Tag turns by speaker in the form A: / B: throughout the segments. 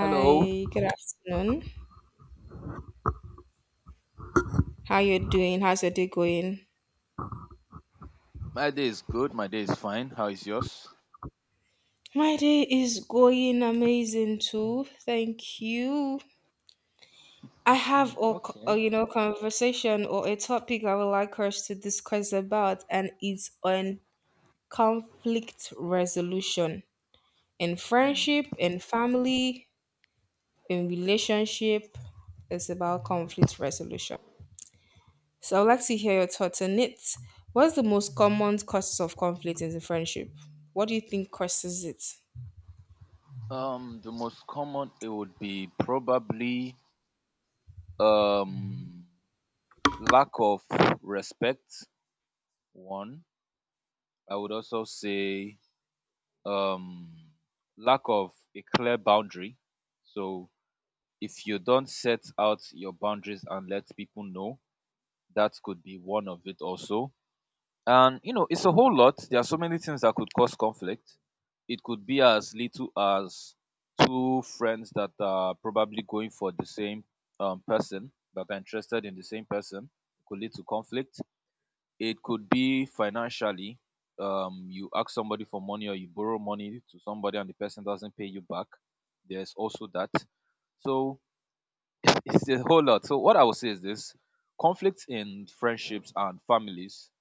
A: Hello.
B: good afternoon. How you doing? How's your day going?
A: My day is good. My day is fine. How is yours?
B: My day is going amazing too. Thank you. I
A: Mm,
B: have a,
A: okay.
B: you know conversation or a topic I would like us to discuss about, and it's on conflict resolution in
A: Hmm.
B: friendship, in family, in relationship. It's about conflict resolution. So I'd like to hear your thoughts on it. What's the most common causes of conflict in the friendship? What do you think causes it?
A: The most common it would be probably um lack of respect. One, I would also say um lack of a clear boundary. So if you don't set out your boundaries and let people know, that could be one of it also. And you know, it's a whole lot. There are so many things that could cause conflict. It could be as little as two friends that are probably going for the same person, that are interested in the same person. It could lead to conflict. It could be financially. You ask somebody for money or you borrow money to somebody and the person doesn't pay you back. There's also that. So it's a whole lot. So what I would say is this: conflict in friendships and families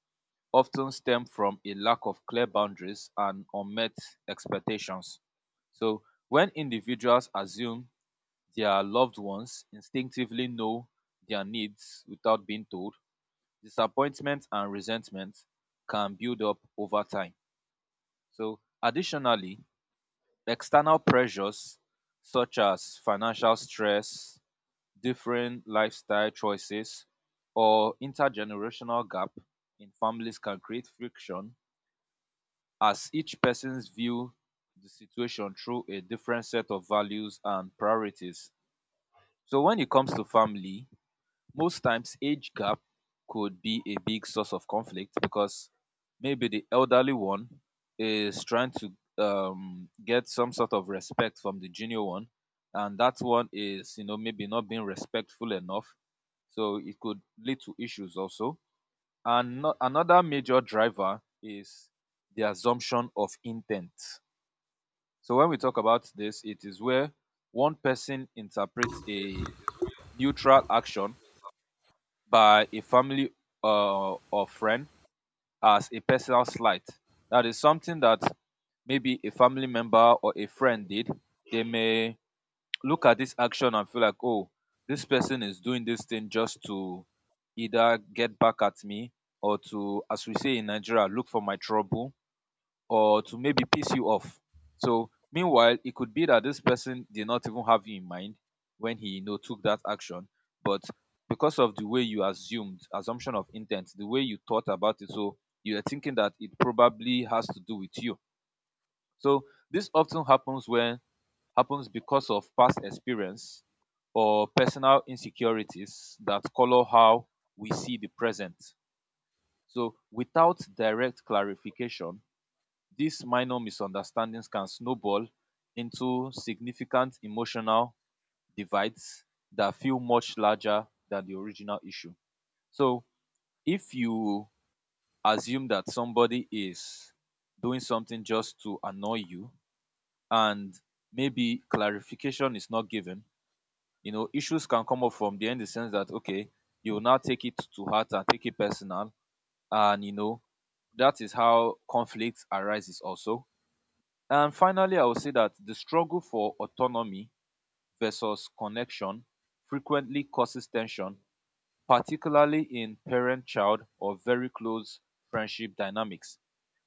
A: often stem from a lack of clear boundaries and unmet expectations. So, when individuals assume their loved ones instinctively know their needs without being told, disappointment and resentment can build up over time. So, additionally, external pressures such as financial stress, different lifestyle choices, or intergenerational gap in families can create friction as each person's view the situation through a different set of values and priorities. So when it comes to family, most times age gap could be a big source of conflict because maybe the elderly one is trying to get some sort of respect from the junior one, and that one is, you know, maybe not being respectful enough. So it could lead to issues also. And another major driver is the assumption of intent. So when we talk about this, it is where one person interprets a neutral action by a family or friend as a personal slight. That is something that maybe a family member or a friend did. They may look at this action and feel like, oh, this person is doing this thing just to either get back at me or to, as we say in Nigeria, look for my trouble, or to maybe piss you off. So meanwhile, it could be that this person did not even have you in mind when he, you know, took that action, but because of the way you assumed assumption of intent, the way you thought about it, so you are thinking that it probably has to do with you. So this often happens because of past experience or personal insecurities that color how we see the present. So without direct clarification, these minor misunderstandings can snowball into significant emotional divides that feel much larger than the original issue. So, if you assume that somebody is doing something just to annoy you, and maybe clarification is not given, you know, issues can come up from there in the sense that, okay, you will now take it to heart and take it personal. And, you know, that is how conflict arises also. And finally, I will say that the struggle for autonomy versus connection frequently causes tension, particularly in parent child or very close friendship dynamics.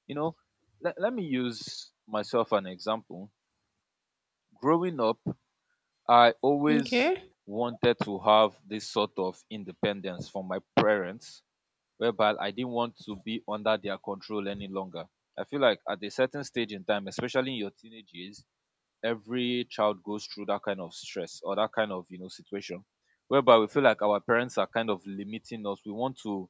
A: You know, let me use myself an example. Growing up, I always
B: Okay.
A: wanted to have this sort of independence from my parents, whereby I didn't want to be under their control any longer. I feel like at a certain stage in time, especially in your teenage years, every child goes through that kind of stress or that kind of, you know, situation whereby we feel like our parents are kind of limiting us. We want to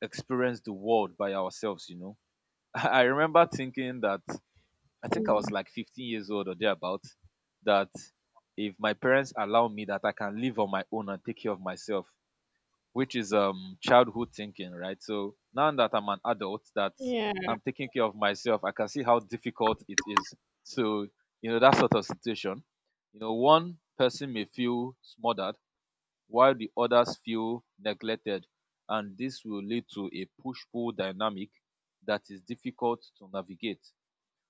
A: experience the world by ourselves, you know. I remember thinking that, I think I was
B: Mm.
A: like 15 years old or thereabout, that if my parents allow me that I can live on my own and take care of myself, which is childhood thinking, right? So now that I'm an adult, that
B: Yeah.
A: I'm taking care of myself, I can see how difficult it is. So you know that sort of situation, you know, one person may feel smothered while the others feel neglected, and this will lead to a push-pull dynamic that is difficult to navigate.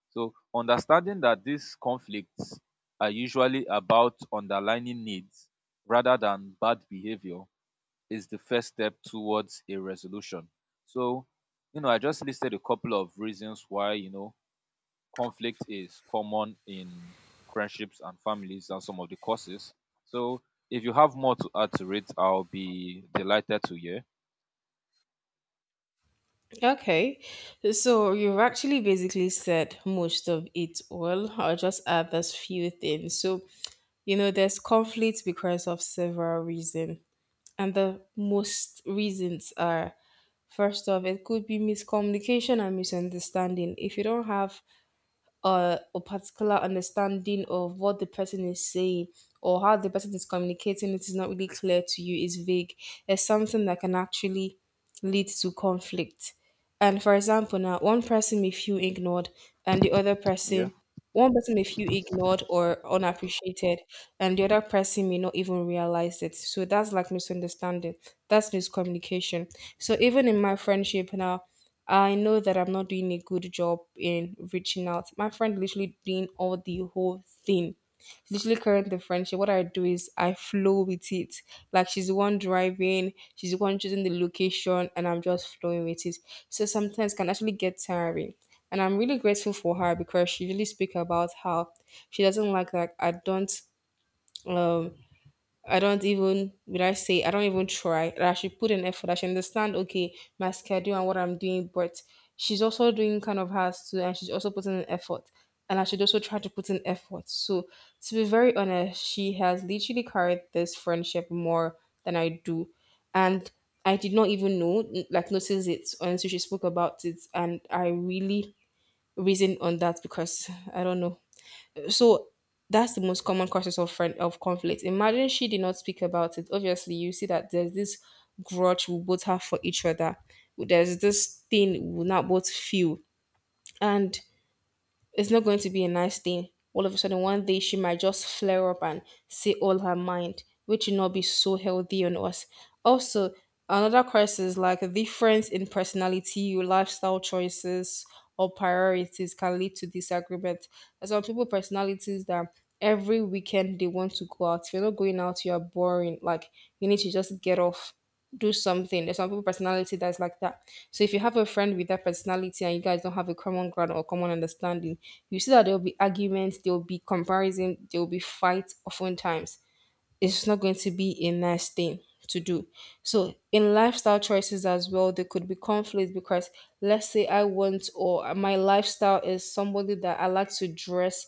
A: So understanding that these conflicts are usually about underlining needs rather than bad behavior is the first step towards a resolution. So, you know, I just listed a couple of reasons why, you know, conflict is common in friendships and families and some of the causes. So, if you have more to add to it, I'll be delighted to hear.
B: Okay. So you've actually basically said most of it all. I'll just add those few things. So, you know, there's conflict because of several reasons. And the most reasons are, first off, it could be miscommunication and misunderstanding. If you don't have or a particular understanding of what the person is saying, or how the person is communicating, it is not really clear to you, is vague, it's something that can actually lead to conflict. And for example now, one person may feel ignored and the other
A: Yeah.
B: person, one person may feel ignored or unappreciated and the other person may not even realize it. So that's like misunderstanding, that's miscommunication. So even in my friendship now, I know that I'm not doing a good job in reaching out. My friend literally doing all the whole thing. Literally current the friendship. What I do is I flow with it. Like she's the one driving, she's the one choosing the location, and I'm just flowing with it. So sometimes it can actually get tiring. And I'm really grateful for her because she really speak about how she doesn't like that I don't, um, I don't even, would I say, I don't even try. That I should put an effort. I should understand okay my schedule and what I'm doing, but she's also doing kind of hers too, and she's also putting an effort. And I should also try to put in effort. So to be very honest, she has literally carried this friendship more than I do. And I did not even know, like notice it until she spoke about it. And I really reasoned on that because I don't know. So that's the most common causes of friend of conflict. Imagine she did not speak about it. Obviously, you see that there's this grudge we both have for each other. There's this thing we will not both feel. And it's not going to be a nice thing. All of a sudden, one day she might just flare up and say all her mind, which will not be so healthy on us. Also, another crisis like a difference in personality, your lifestyle choices, or priorities can lead to disagreement. There's some people personalities that every weekend they want to go out. If you're not going out, you are boring. Like you need to just get off, do something. There's some people personality that's like that. So if you have a friend with that personality and you guys don't have a common ground or common understanding, you see that there will be arguments, there will be comparison, there will be fights oftentimes. It's not going to be a nice thing to do. So in lifestyle choices as well, there could be conflict because let's say I want, or my lifestyle is somebody that I like to dress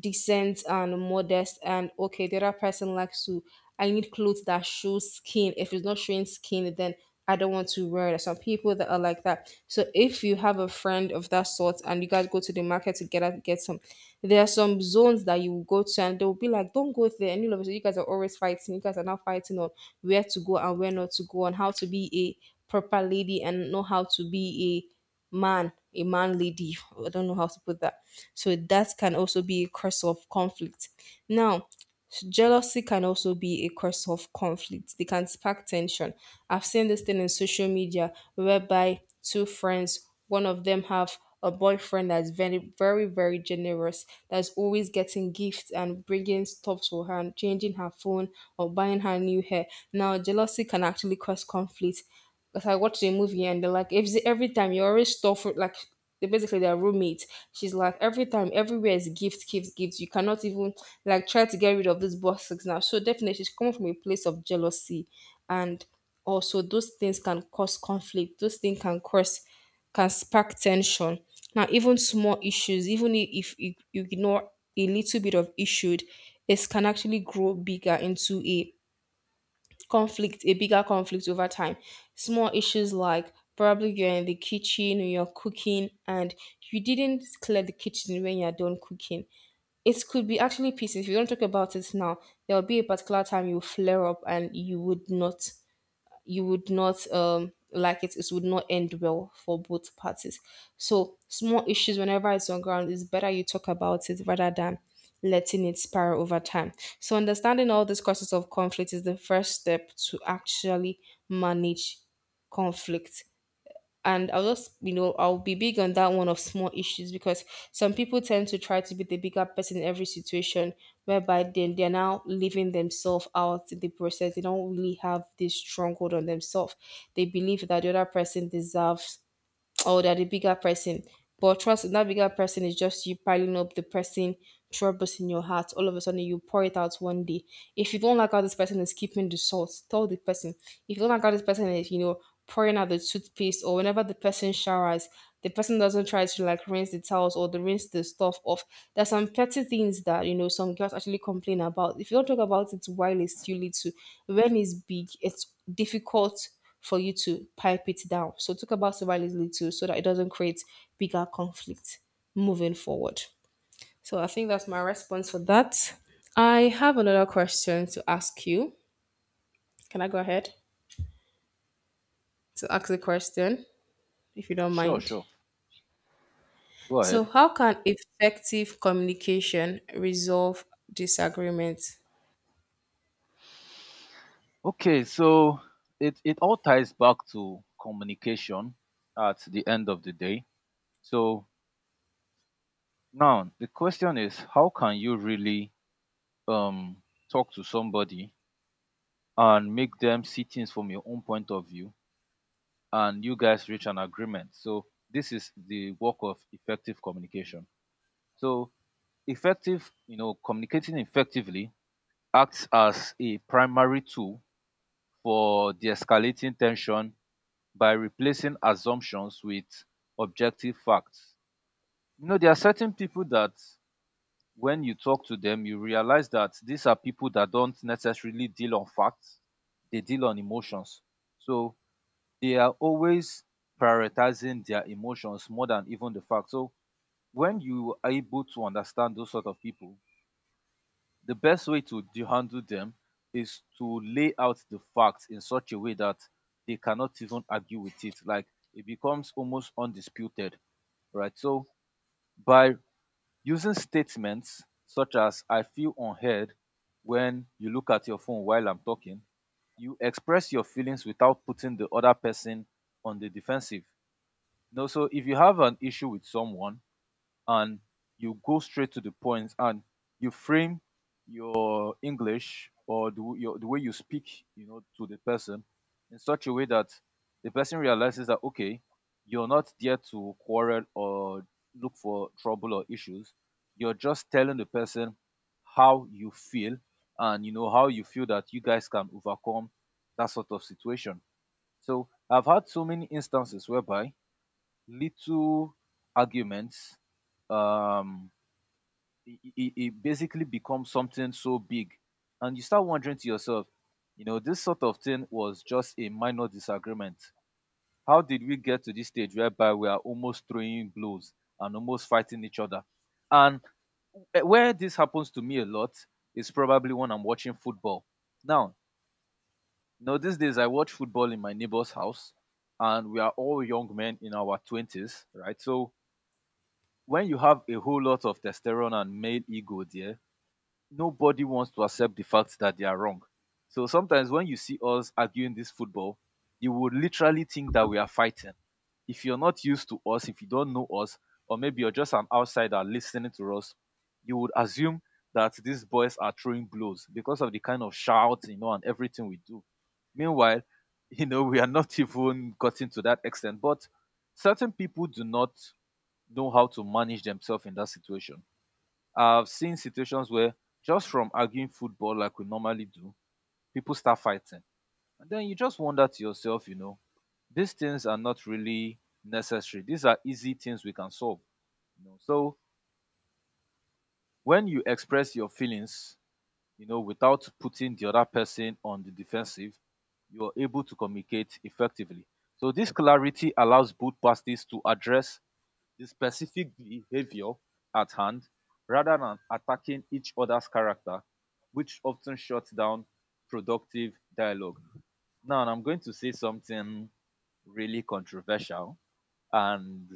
B: decent and modest, and okay, the other person likes to. I need clothes that show skin. If it's not showing skin, then I don't want to wear it. Some people that are like that. So if you have a friend of that sort and you guys go to the market together to get some, there are some zones that you will go to and they'll be like, don't go there. And you know, so you guys are always fighting. You guys are now fighting on where to go and where not to go, and how to be a proper lady and know how to be a man lady. I don't know how to put that. So that can also be a cause of conflict. Now, jealousy can also be a cause of conflict. They can spark tension. I've seen this thing in social media whereby two friends, one of them have a boyfriend that's very, very, very generous, that's always getting gifts and bringing stuff to her and changing her phone or buying her new hair. Now, jealousy can actually cause conflict. Because I watched a movie and they're like, if every time you're always stuff like, they basically they're roommates. She's like every time, everywhere is gifts, gifts, gifts. You cannot even like try to get rid of this boxes now. So definitely she's coming from a place of jealousy, and also those things can cause conflict. Those things can cause, can spark tension. Now even small issues, even if you ignore a little bit of issue, it can actually grow bigger into a conflict, a bigger conflict over time. Small issues like probably you're in the kitchen and you're cooking and you didn't clear the kitchen when you're done cooking. It could be actually pieces. If you don't talk about it now, there will be a particular time you flare up and you would not, you would not like it would not end well for both parties. So small issues whenever it's on ground, it's better you talk about it rather than letting it spiral over time. So understanding all these causes of conflict is the first step to actually manage conflict. And I'll just, you know, I'll be big on that one of small issues because some people tend to try to be the bigger person in every situation whereby then they're now leaving themselves out in the process, they don't really have this stronghold on themselves. They believe that the other person deserves, or they're the bigger person. But trust, that bigger person is just you piling up the person troubles in your heart. All of a sudden, you pour it out one day. If you don't like how this person is keeping the salt, tell the person. If you don't like how this person is, you know, pouring out the toothpaste or whenever the person showers, the person doesn't try to like rinse the towels or the rinse the stuff off. There's some petty things that you know some girls actually complain about. If you don't talk about it while it's too little, when it's big, it's difficult for you to pipe it down. So talk about survivability little so that it doesn't create bigger conflict moving forward. So I think that's my response for that. I have another question to ask you. Can I go ahead to ask the question if you don't
A: Sure,
B: mind?
A: sure. Go
B: So
A: ahead.
B: how can effective communication resolve disagreements?
A: Okay, so it all ties back to communication at the end of the day. So, now the question is, how can you really um talk to somebody and make them see things from your own point of view and you guys reach an agreement? So this is the work of effective communication. So effective, you know, communicating effectively acts as a primary tool for de-escalating tension by replacing assumptions with objective facts. You know, there are certain people that when you talk to them, you realize that these are people that don't necessarily deal on facts, they deal on emotions. So they are always prioritizing their emotions more than even the facts. So when you are able to understand those sort of people, the best way to handle them is to lay out the facts in such a way that they cannot even argue with it. Like, it becomes almost undisputed, right? So by using statements such as "I feel unheard when you look at your phone while I'm talking," you express your feelings without putting the other person on the defensive. No, so if you have an issue with someone and you go straight to the point and you frame your English, or the, w- your, the way you speak, you know, to the person in such a way that the person realizes that okay, you're not there to quarrel or look for trouble or issues. You're just telling the person how you feel, and you know how you feel that you guys can overcome that sort of situation. So I've had so many instances whereby little arguments, um it basically becomes something so big and you start wondering to yourself, you know, this sort of thing was just a minor disagreement, how did we get to this stage whereby we are almost throwing blows and almost fighting each other? And where this happens to me a lot is probably when I'm watching football. Now, you know, these days I watch football in my neighbor's house, and we are all young men in our 20s, right? So when you have a whole lot of testosterone and male ego there, nobody wants to accept the fact that they are wrong. So sometimes when you see us arguing this football, you would literally think that we are fighting. If you're not used to us, if you don't know us, or maybe you're just an outsider listening to us, you would assume that these boys are throwing blows because of the kind of shout, you know, and everything we do. Meanwhile, you know, we are not even gotten to that extent. But certain people do not know how to manage themselves in that situation. I've seen situations where just from arguing football like we normally do, people start fighting. And then you just wonder to yourself, you know, these things are not really necessary. These are easy things we can solve. You know? So when you express your feelings, you know, without putting the other person on the defensive, you are able to communicate effectively. So this clarity allows both parties to address the specific behavior at hand rather than attacking each other's character, which often shuts down productive dialogue. Now, I'm going to say something really controversial, and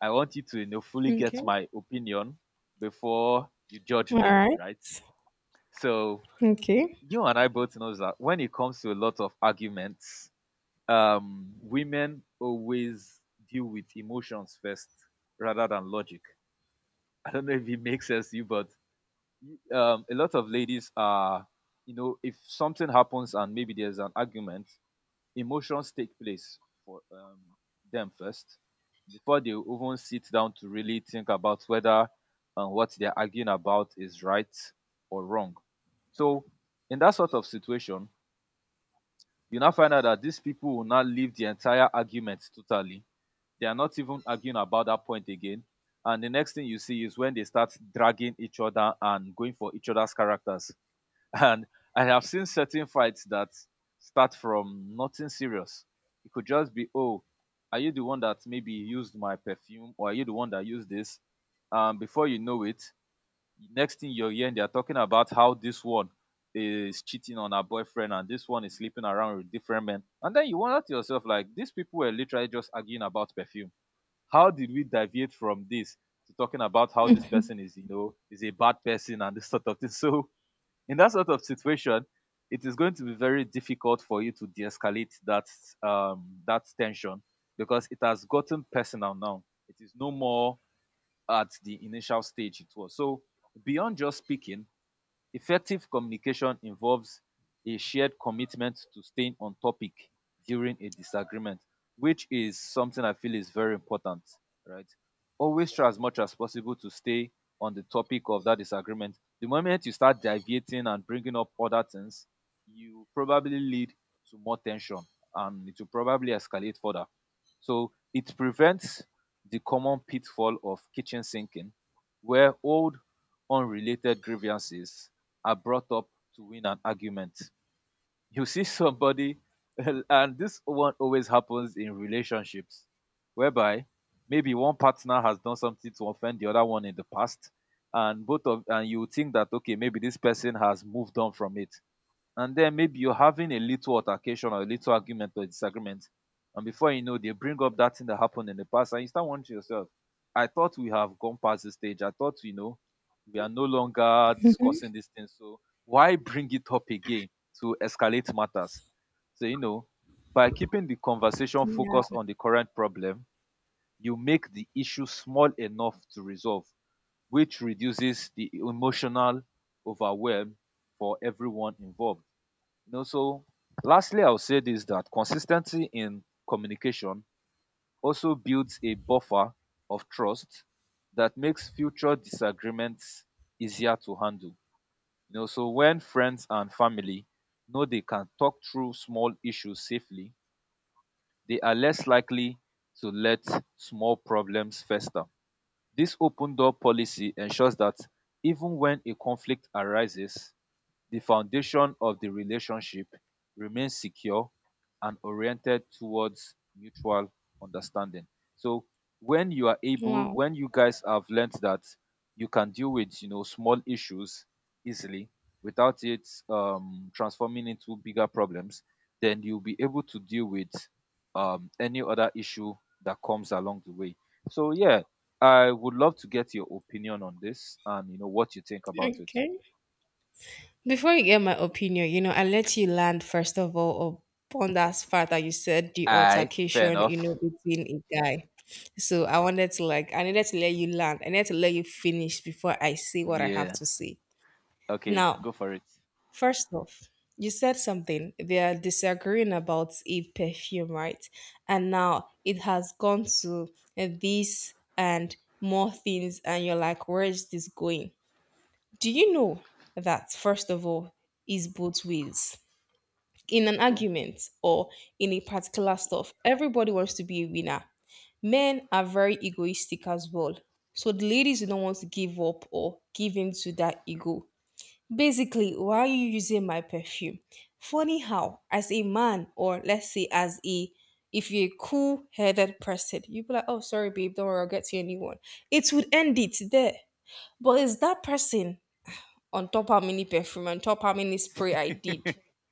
A: I want you to, you know, fully get
B: Okay.
A: my opinion before you judge
B: All
A: me,
B: right.
A: right? So,
B: Okay.
A: you and I both know that when it comes to a lot of arguments, women always deal with emotions first rather than logic. I don't know if it makes sense to you, but a lot of ladies are, you know, if something happens and maybe there's an argument, emotions take place for them first before they even sit down to really think about whether what they're arguing about is right or wrong. So, in that sort of situation, you now find out that these people will not leave the entire argument totally. They are not even arguing about that point again. And the next thing you see is when they start dragging each other and going for each other's characters. And I have seen certain fights that start from nothing serious. It could just be, oh, are you the one that maybe used my perfume, or are you the one that used this? And before you know it, next thing you're hearing, they're talking about how this one is cheating on her boyfriend and this one is sleeping around with different men. And then you wonder to yourself, like, these people were literally just arguing about perfume. How did we deviate from this to talking about how this person is, is a bad person and this sort of thing? So, in that sort of situation, it is going to be very difficult for you to de-escalate that that tension because it has gotten personal now. It is no more at the initial stage it was. So, beyond just speaking, effective communication involves a shared commitment to staying on topic during a disagreement, which is something I feel is very important, right? Always try as much as possible to stay on the topic of that disagreement. The moment you start deviating and bringing up other things, you probably lead to more tension, and it will probably escalate further. So it prevents the common pitfall of kitchen sinking, where old unrelated grievances are brought up to win an argument. You see somebody, and this one always happens in relationships, whereby maybe one partner has done something to offend the other one in the past, and both of and you think that okay, maybe this person has moved on from it, and then maybe you're having a little altercation or a little argument or disagreement, and before you know, they bring up that thing that happened in the past and you start wondering to yourself, I thought we have gone past this stage, I thought, we are no longer
B: Mhm.
A: discussing this thing. So why bring it up again to escalate matters? So, you know, by keeping the conversation
B: Yeah.
A: focused on the current problem, you make the issue small enough to resolve, which reduces the emotional overwhelm for everyone involved, you know. So lastly, I'll say this, that consistency in communication also builds a buffer of trust that makes future disagreements easier to handle. You know, so when friends and family know they can talk through small issues safely, they are less likely to let small problems fester. This open door policy ensures that even when a conflict arises, the foundation of the relationship remains secure and oriented towards mutual understanding. So when you are able,
B: Wow.
A: when you guys have learned that you can deal with, small issues easily without it transforming into bigger problems, then you'll be able to deal with any other issue that comes along the way. So yeah, I would love to get your opinion on this and you know what you think about it.
B: Okay. Before you get my opinion, you know, I let you land first of all upon that fact that you said the
A: Aye, fair
B: altercation, you
A: enough.
B: know, between a guy. So I wanted to like, I needed to let you land. I needed to let you finish before I say what I have
A: Yeah.
B: to say.
A: Okay,
B: Now,
A: go for it.
B: first off, you said something. They are disagreeing about a perfume, right? And now it has gone to this and more things, and you're like, where is this going? Do you know that, first of all, is both ways? In
A: Yeah,
B: an
A: true.
B: argument or in a particular stuff, everybody wants to be a winner. Men are very egoistic as well. So the ladies who don't want to give up or give in to that ego. Basically, why are you using my perfume? Funny how, as a man, or let's say as a, if you're a cool headed person, you'd be like, oh, sorry, babe, don't worry, I'll get you a new one. It would end it there. But it's that person, on top how many perfume, on top how many spray I did.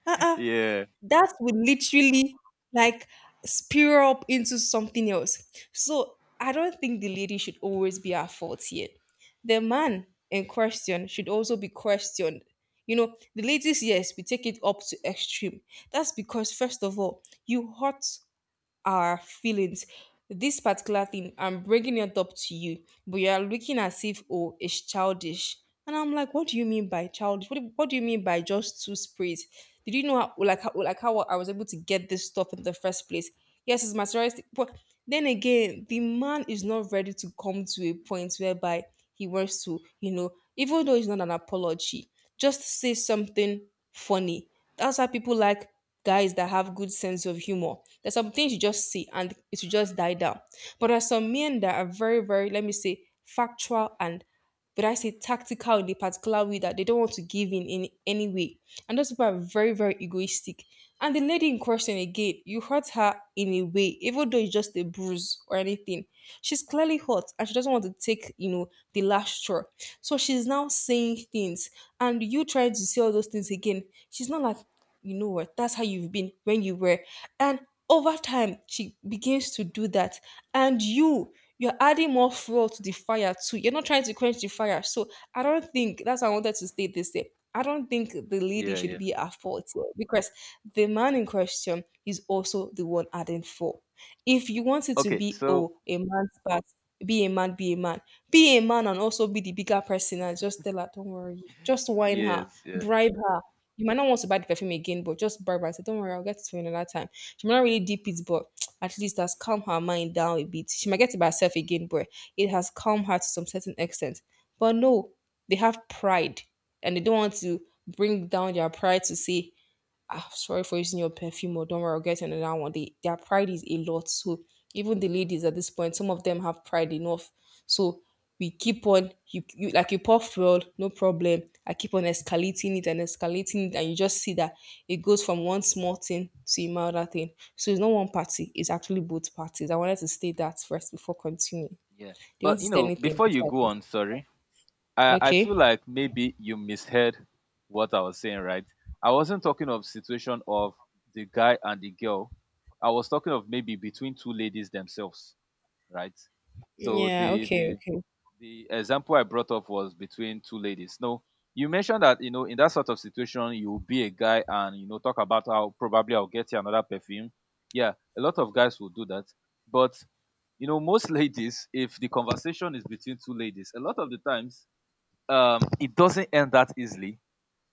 B: Uh-uh.
A: Yeah.
B: That would literally like spear up into something else. So I don't think the lady should always be at fault here. The man in question should also be questioned. You know, the ladies, yes, we take it up to extreme. That's because first of all, you hurt our feelings. This particular thing, I'm bringing it up to you, but you are looking as if, oh, it's childish. And I'm like, what do you mean by childish? What do you mean by just two sprays? Did you know how, like, how, like how I was able to get this stuff in the first place? Yes, it's materialistic, but then again, the man is not ready to come to a point whereby he wants to, you know, even though it's not an apology, just say something funny. That's why people like guys that have good sense of humor. There's some things you just see and it will just die down. But there are some men that are very, very, let me say, factual and but I say tactical in a particular way that they don't want to give in any way. And those people are very, very egoistic. And the lady in question again, you hurt her in a way, even though it's just a bruise or anything. She's clearly hurt and she doesn't want to take, the last straw. So she's now saying things and you trying to say all those things again. She's not like you know what, that's how you've been when you were. And over time, she begins to do that. And you're adding more fuel to the fire too. You're not trying to quench the fire. So I don't think that's why I wanted to state this day. I don't think the lady
A: Yeah,
B: should
A: yeah.
B: be at fault here, because the man in question is also the one adding fuel. If you want it to
A: Okay,
B: be,
A: so
B: oh, a man's part, be a man, be a man, be a man, and also be the bigger person, and just tell her, don't worry, just whine her,
A: yes, yeah,
B: bribe her. You might not want to buy the perfume again, but just bribe her. I said, don't worry, I'll get it for you another time. She might not really deep it, but at least that's calmed her mind down a bit. She might get it by herself again, but it has calmed her to some certain extent. But no, they have pride, and they don't want to bring down their pride to say, ah, sorry for using your perfume, or don't worry, I'll get another one. Their pride is a lot. So even the ladies at this point, some of them have pride enough. So we keep on, you like you pour fuel, no problem. I keep on escalating it, and you just see that it goes from one small thing to another thing. So it's not one party, it's actually both parties. I wanted to state that first before continuing.
A: yeah.
B: Do you want
A: But
B: to
A: you
B: say
A: know,
B: anything
A: before you
B: before
A: go
B: I
A: on, sorry, I
B: continue?
A: feel
B: Okay.
A: like maybe you misheard what I was saying, right? I wasn't talking of situation of the guy and the girl. I was talking of maybe between two ladies themselves, right? So
B: Yeah,
A: the
B: okay,
A: the
B: okay.
A: the example I brought up was between two ladies. No, you mentioned that, you know, in that sort of situation you will be a guy and you know talk about how probably I'll get you another perfume. Yeah, a lot of guys will do that, but you know most ladies, if the conversation is between two ladies, a lot of the times it doesn't end that easily.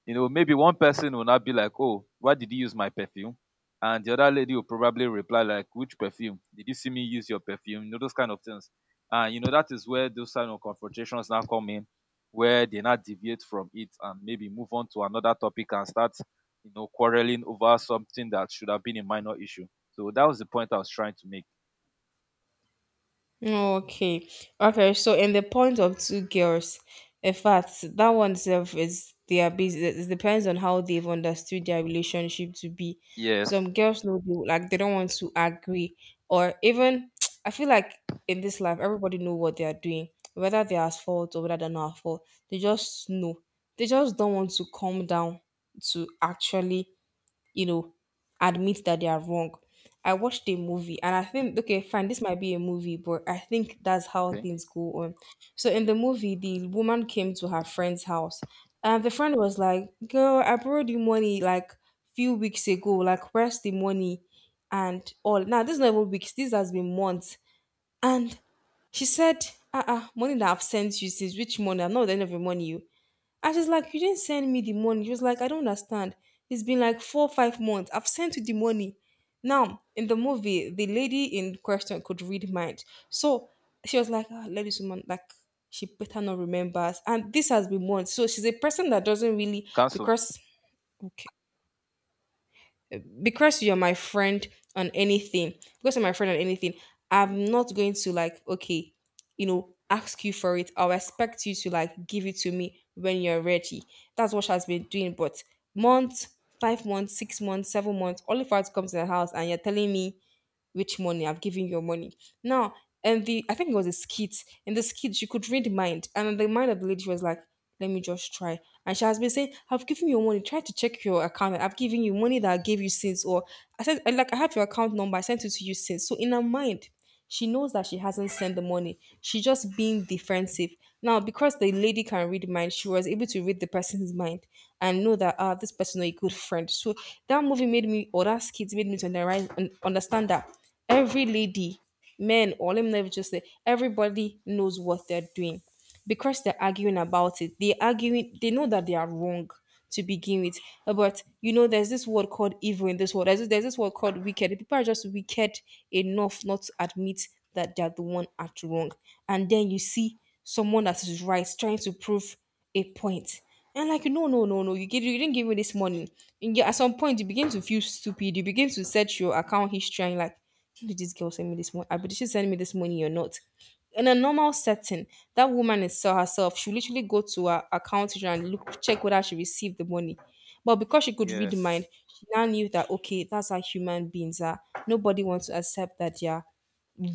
A: You know, maybe one person will not be like, oh, why did you use my perfume? And the other lady will probably reply like, which perfume? Did you see me use your perfume? You know, those kind of things. And you know, that is where those kind of confrontations now come in, where they now deviate from it and maybe move on to another topic and start, you know, quarreling over something that should have been a minor issue. So that was the point I was trying to make.
B: Okay. Okay. So in the point of two girls, in fact, that one itself is their business. It depends on how they've understood their relationship to be.
A: Yes.
B: Some girls know they, like they don't want to agree, or even I feel like in this life everybody know what they are doing, whether they are at fault or whether they're not at fault. They just know. They just don't want to come down to actually you know, admit that they are wrong. I watched a movie and I think, okay, fine, this might be a movie, but I think that's how
A: Okay.
B: things go on. So in the movie, the woman came to her friend's house, and the friend was like, "Girl, I borrowed you money like few weeks ago. Like, where's the money?" And all. Now, this is not even weeks, this has been months. And she said, money that I've sent you since, which money? I'm not with any of your money. You. And she's like, you didn't send me the money. She was like, I don't understand. It's been like 4, 5 months. I've sent you the money. Now, in the movie, the lady in question could read minds. So she was like, oh, let this woman, like, she better not remembers. And this has been months. So she's a person that doesn't really,
A: Cancel.
B: because because you're my friend on anything, because you're my friend on anything, I'm not going to like, okay, ask you for it. I'll expect you to like give it to me when you're ready. That's what she has been doing. But month, 5 months, 6 months, 7 months, all of her to come to the house and you're telling me, which money, I've given your money. Now, and the I think it was a skit. In the skit, she could read mind, and the mind of the lady was like, "Let me just try." And she has been saying, "I've given you money. Try to check your account. I've given you money that I gave you since, or I said like I have your account number. I sent it to you since." So in her mind, she knows that she hasn't sent the money. She's just being defensive. Now, because the lady can read mind, she was able to read the person's mind and know that, ah, this person is a good friend. So that movie made me, or that skit made me to understand that every lady, men, or let me never just say, everybody knows what they're doing. Because they're arguing about it, they arguing, they know that they are wrong to begin with. But there's this word called evil in this world. There's this word called wicked. People are just wicked enough not to admit that they're the one at wrong. And then you see someone that is right trying to prove a point. And like, no no no no, you didn't give me this money. And yeah, at some point you begin to feel stupid. You begin to search your account history and like, what did this girl send me this morning? I but did she send me this money or not? In a normal setting, that woman is saw herself. She literally go to her account and look check whether she received the money. But because she could read
A: Yes.
B: the mind, she now knew that, okay, that's how human beings are. Nobody wants to accept that they are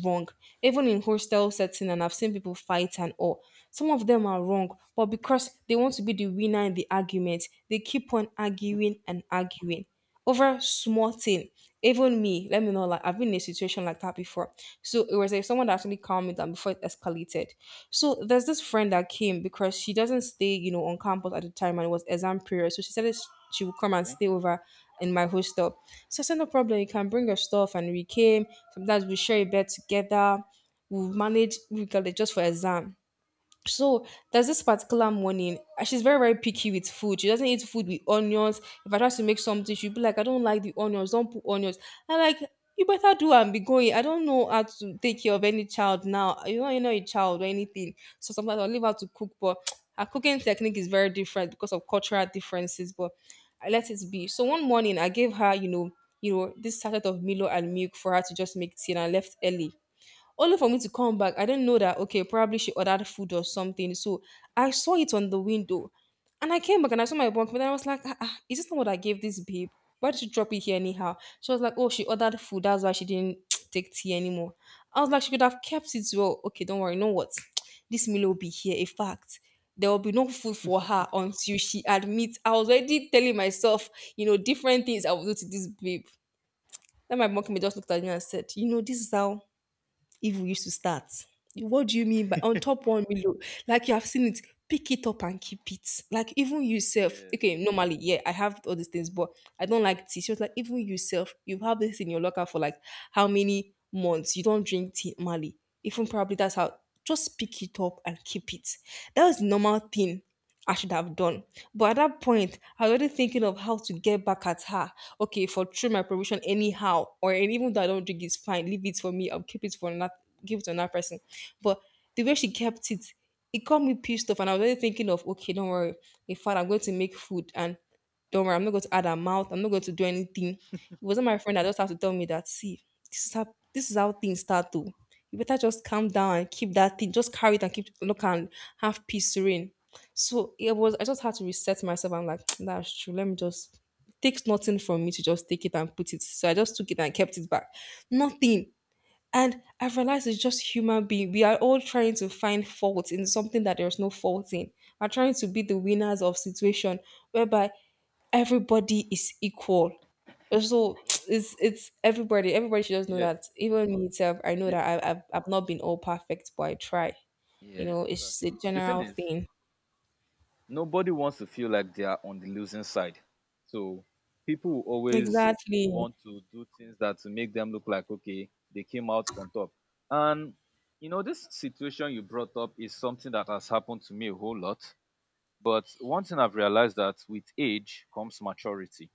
B: wrong. Even in hostel setting, and I've seen people fight and all, some of them are wrong, but because they want to be the winner in the argument, they keep on arguing and arguing over small thing. Even me, let me know, like I've been in a situation like that before. So it was like someone that actually calmed me down before it escalated. So there's this friend that came because she doesn't stay, on campus at the time, and it was exam period. So she said that she would come and
A: Okay.
B: stay over in my hostel. So I said, no problem, you can bring your stuff. And we came. Sometimes we share a bed together. We manage, we got it just for exam. So there's this particular morning, she's very, very picky with food. She doesn't eat food with onions. If I try to make something, she'll be like, I don't like the onions, don't put onions. I'm like, you better do and be going. I don't know how to take care of any child now. You know a child or anything. So sometimes I'll leave her to cook, but her cooking technique is very different because of cultural differences. But I let it be. So one morning I gave her, this sachet of Milo and milk for her to just make tea, and I left early, only for me to come back. I didn't know that, okay, probably she ordered food or something. So I saw it on the window. And I came back and I saw my bunk, but then I was like, ah, is this not what I gave this babe? Why did she drop it here anyhow? She was like, oh, she ordered food. That's why she didn't take tea anymore. I was like, she could have kept it well. Okay, don't worry. You know what? This meal will be here. In fact, there will be no food for her until she admits. I was already telling myself, different things I will do to this babe. Then my monkey just looked at me and said, this is how, if we used to start, what do you mean by on top one below? Like, you have seen it, pick it up and keep it. Like, even yourself,
A: Yes.
B: okay, normally, yeah, I have all these things, but I don't like tea. She was like, even yourself, you have this in your locker for like how many months? You don't drink tea normally. Even probably that's how, just pick it up and keep it. That was the normal thing I should have done. But at that point, I was already thinking of how to get back at her. Okay, for through my provision anyhow, or and even though I don't drink, it's fine. Leave it for me. I'll keep it for another. Give it to another person. But the way she kept it, it got me pissed off, and I was already thinking of, okay, don't worry. In fact, I'm going to make food, and don't worry, I'm not going to add her mouth. I'm not going to do anything. It wasn't my friend that just have to tell me that. See, this is how things start. To, you better just calm down and keep that thing. Just carry it and keep look and have peace, serene. So it was, I just had to reset myself. I'm like, that's true. Let me just, it takes nothing from me to just take it and put it. So I just took it and kept
A: Yes.
B: it back. Nothing. And I realized it's just human being. We are all trying to find fault in something that there's no fault in. We're trying to be the winners of situation whereby everybody is equal. So it's everybody. Everybody should just know
A: Yeah.
B: that. Even me itself, I know
A: The,
B: that I've not been all perfect, but I try. You
A: yeah.
B: know, it's
A: That's
B: just a
A: true. The thing
B: general
A: is,
B: thing.
A: nobody wants to feel like they are on the losing side. So people will always
B: Exactly.
A: want to do things that to make them look like okay, they came out on top. And you know, this situation you brought up is something that has happened to me a whole lot. But one thing I've realized that with age comes maturity.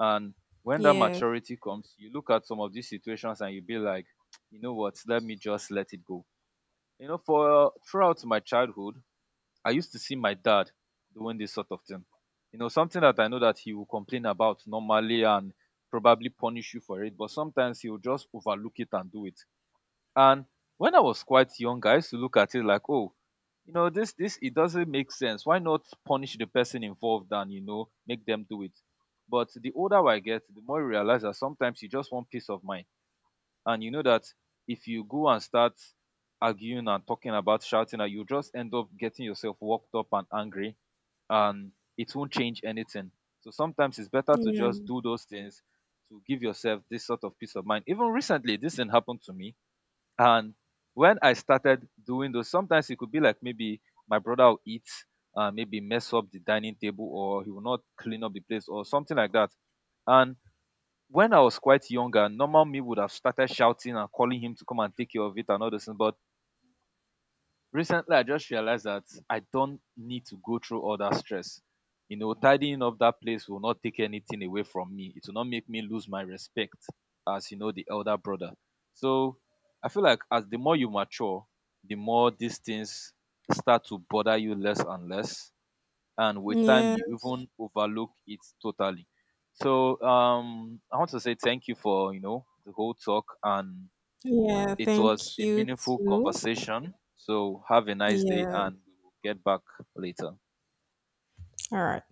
A: And when that
B: Yes.
A: maturity comes, you look at some of these situations and you be like, you know what, let me just let it go. You know, for throughout my childhood, I used to see my dad doing this sort of thing. You know, something that I know that he will complain about normally and probably punish you for it, but sometimes he'll just overlook it and do it. And when I was quite young, I used to look at it like, oh, you know, this it doesn't make sense. Why not punish the person involved and you know make them do it? But the older I get, the more I realize that sometimes you just want peace of mind, and you know that if you go and start arguing and talking about shouting, you just end up getting yourself worked up and angry, and it won't change anything. So sometimes it's better to
B: Yeah.
A: just do those things to give yourself this sort of peace of mind. Even recently this thing happened to me, and when I started doing those, sometimes it could be like maybe my brother will eat, maybe mess up the dining table or he will not clean up the place or something like that. And when I was quite younger, normal me would have started shouting and calling him to come and take care of it and all those things. But recently, I just realized that I don't need to go through all that stress. You know, tidying up that place will not take anything away from me. It will not make me lose my respect as, you know, the elder brother. So I feel like as the more you mature, the more these things start to bother you less and less, and with time you
B: Yes.
A: even overlook it totally. So I want to say thank you for, you know, the whole talk, and
B: Yeah.
A: it was
B: Thank
A: a
B: you
A: meaningful
B: too.
A: conversation. So have a nice day,
B: Yeah.
A: and we will get back later.
B: All right.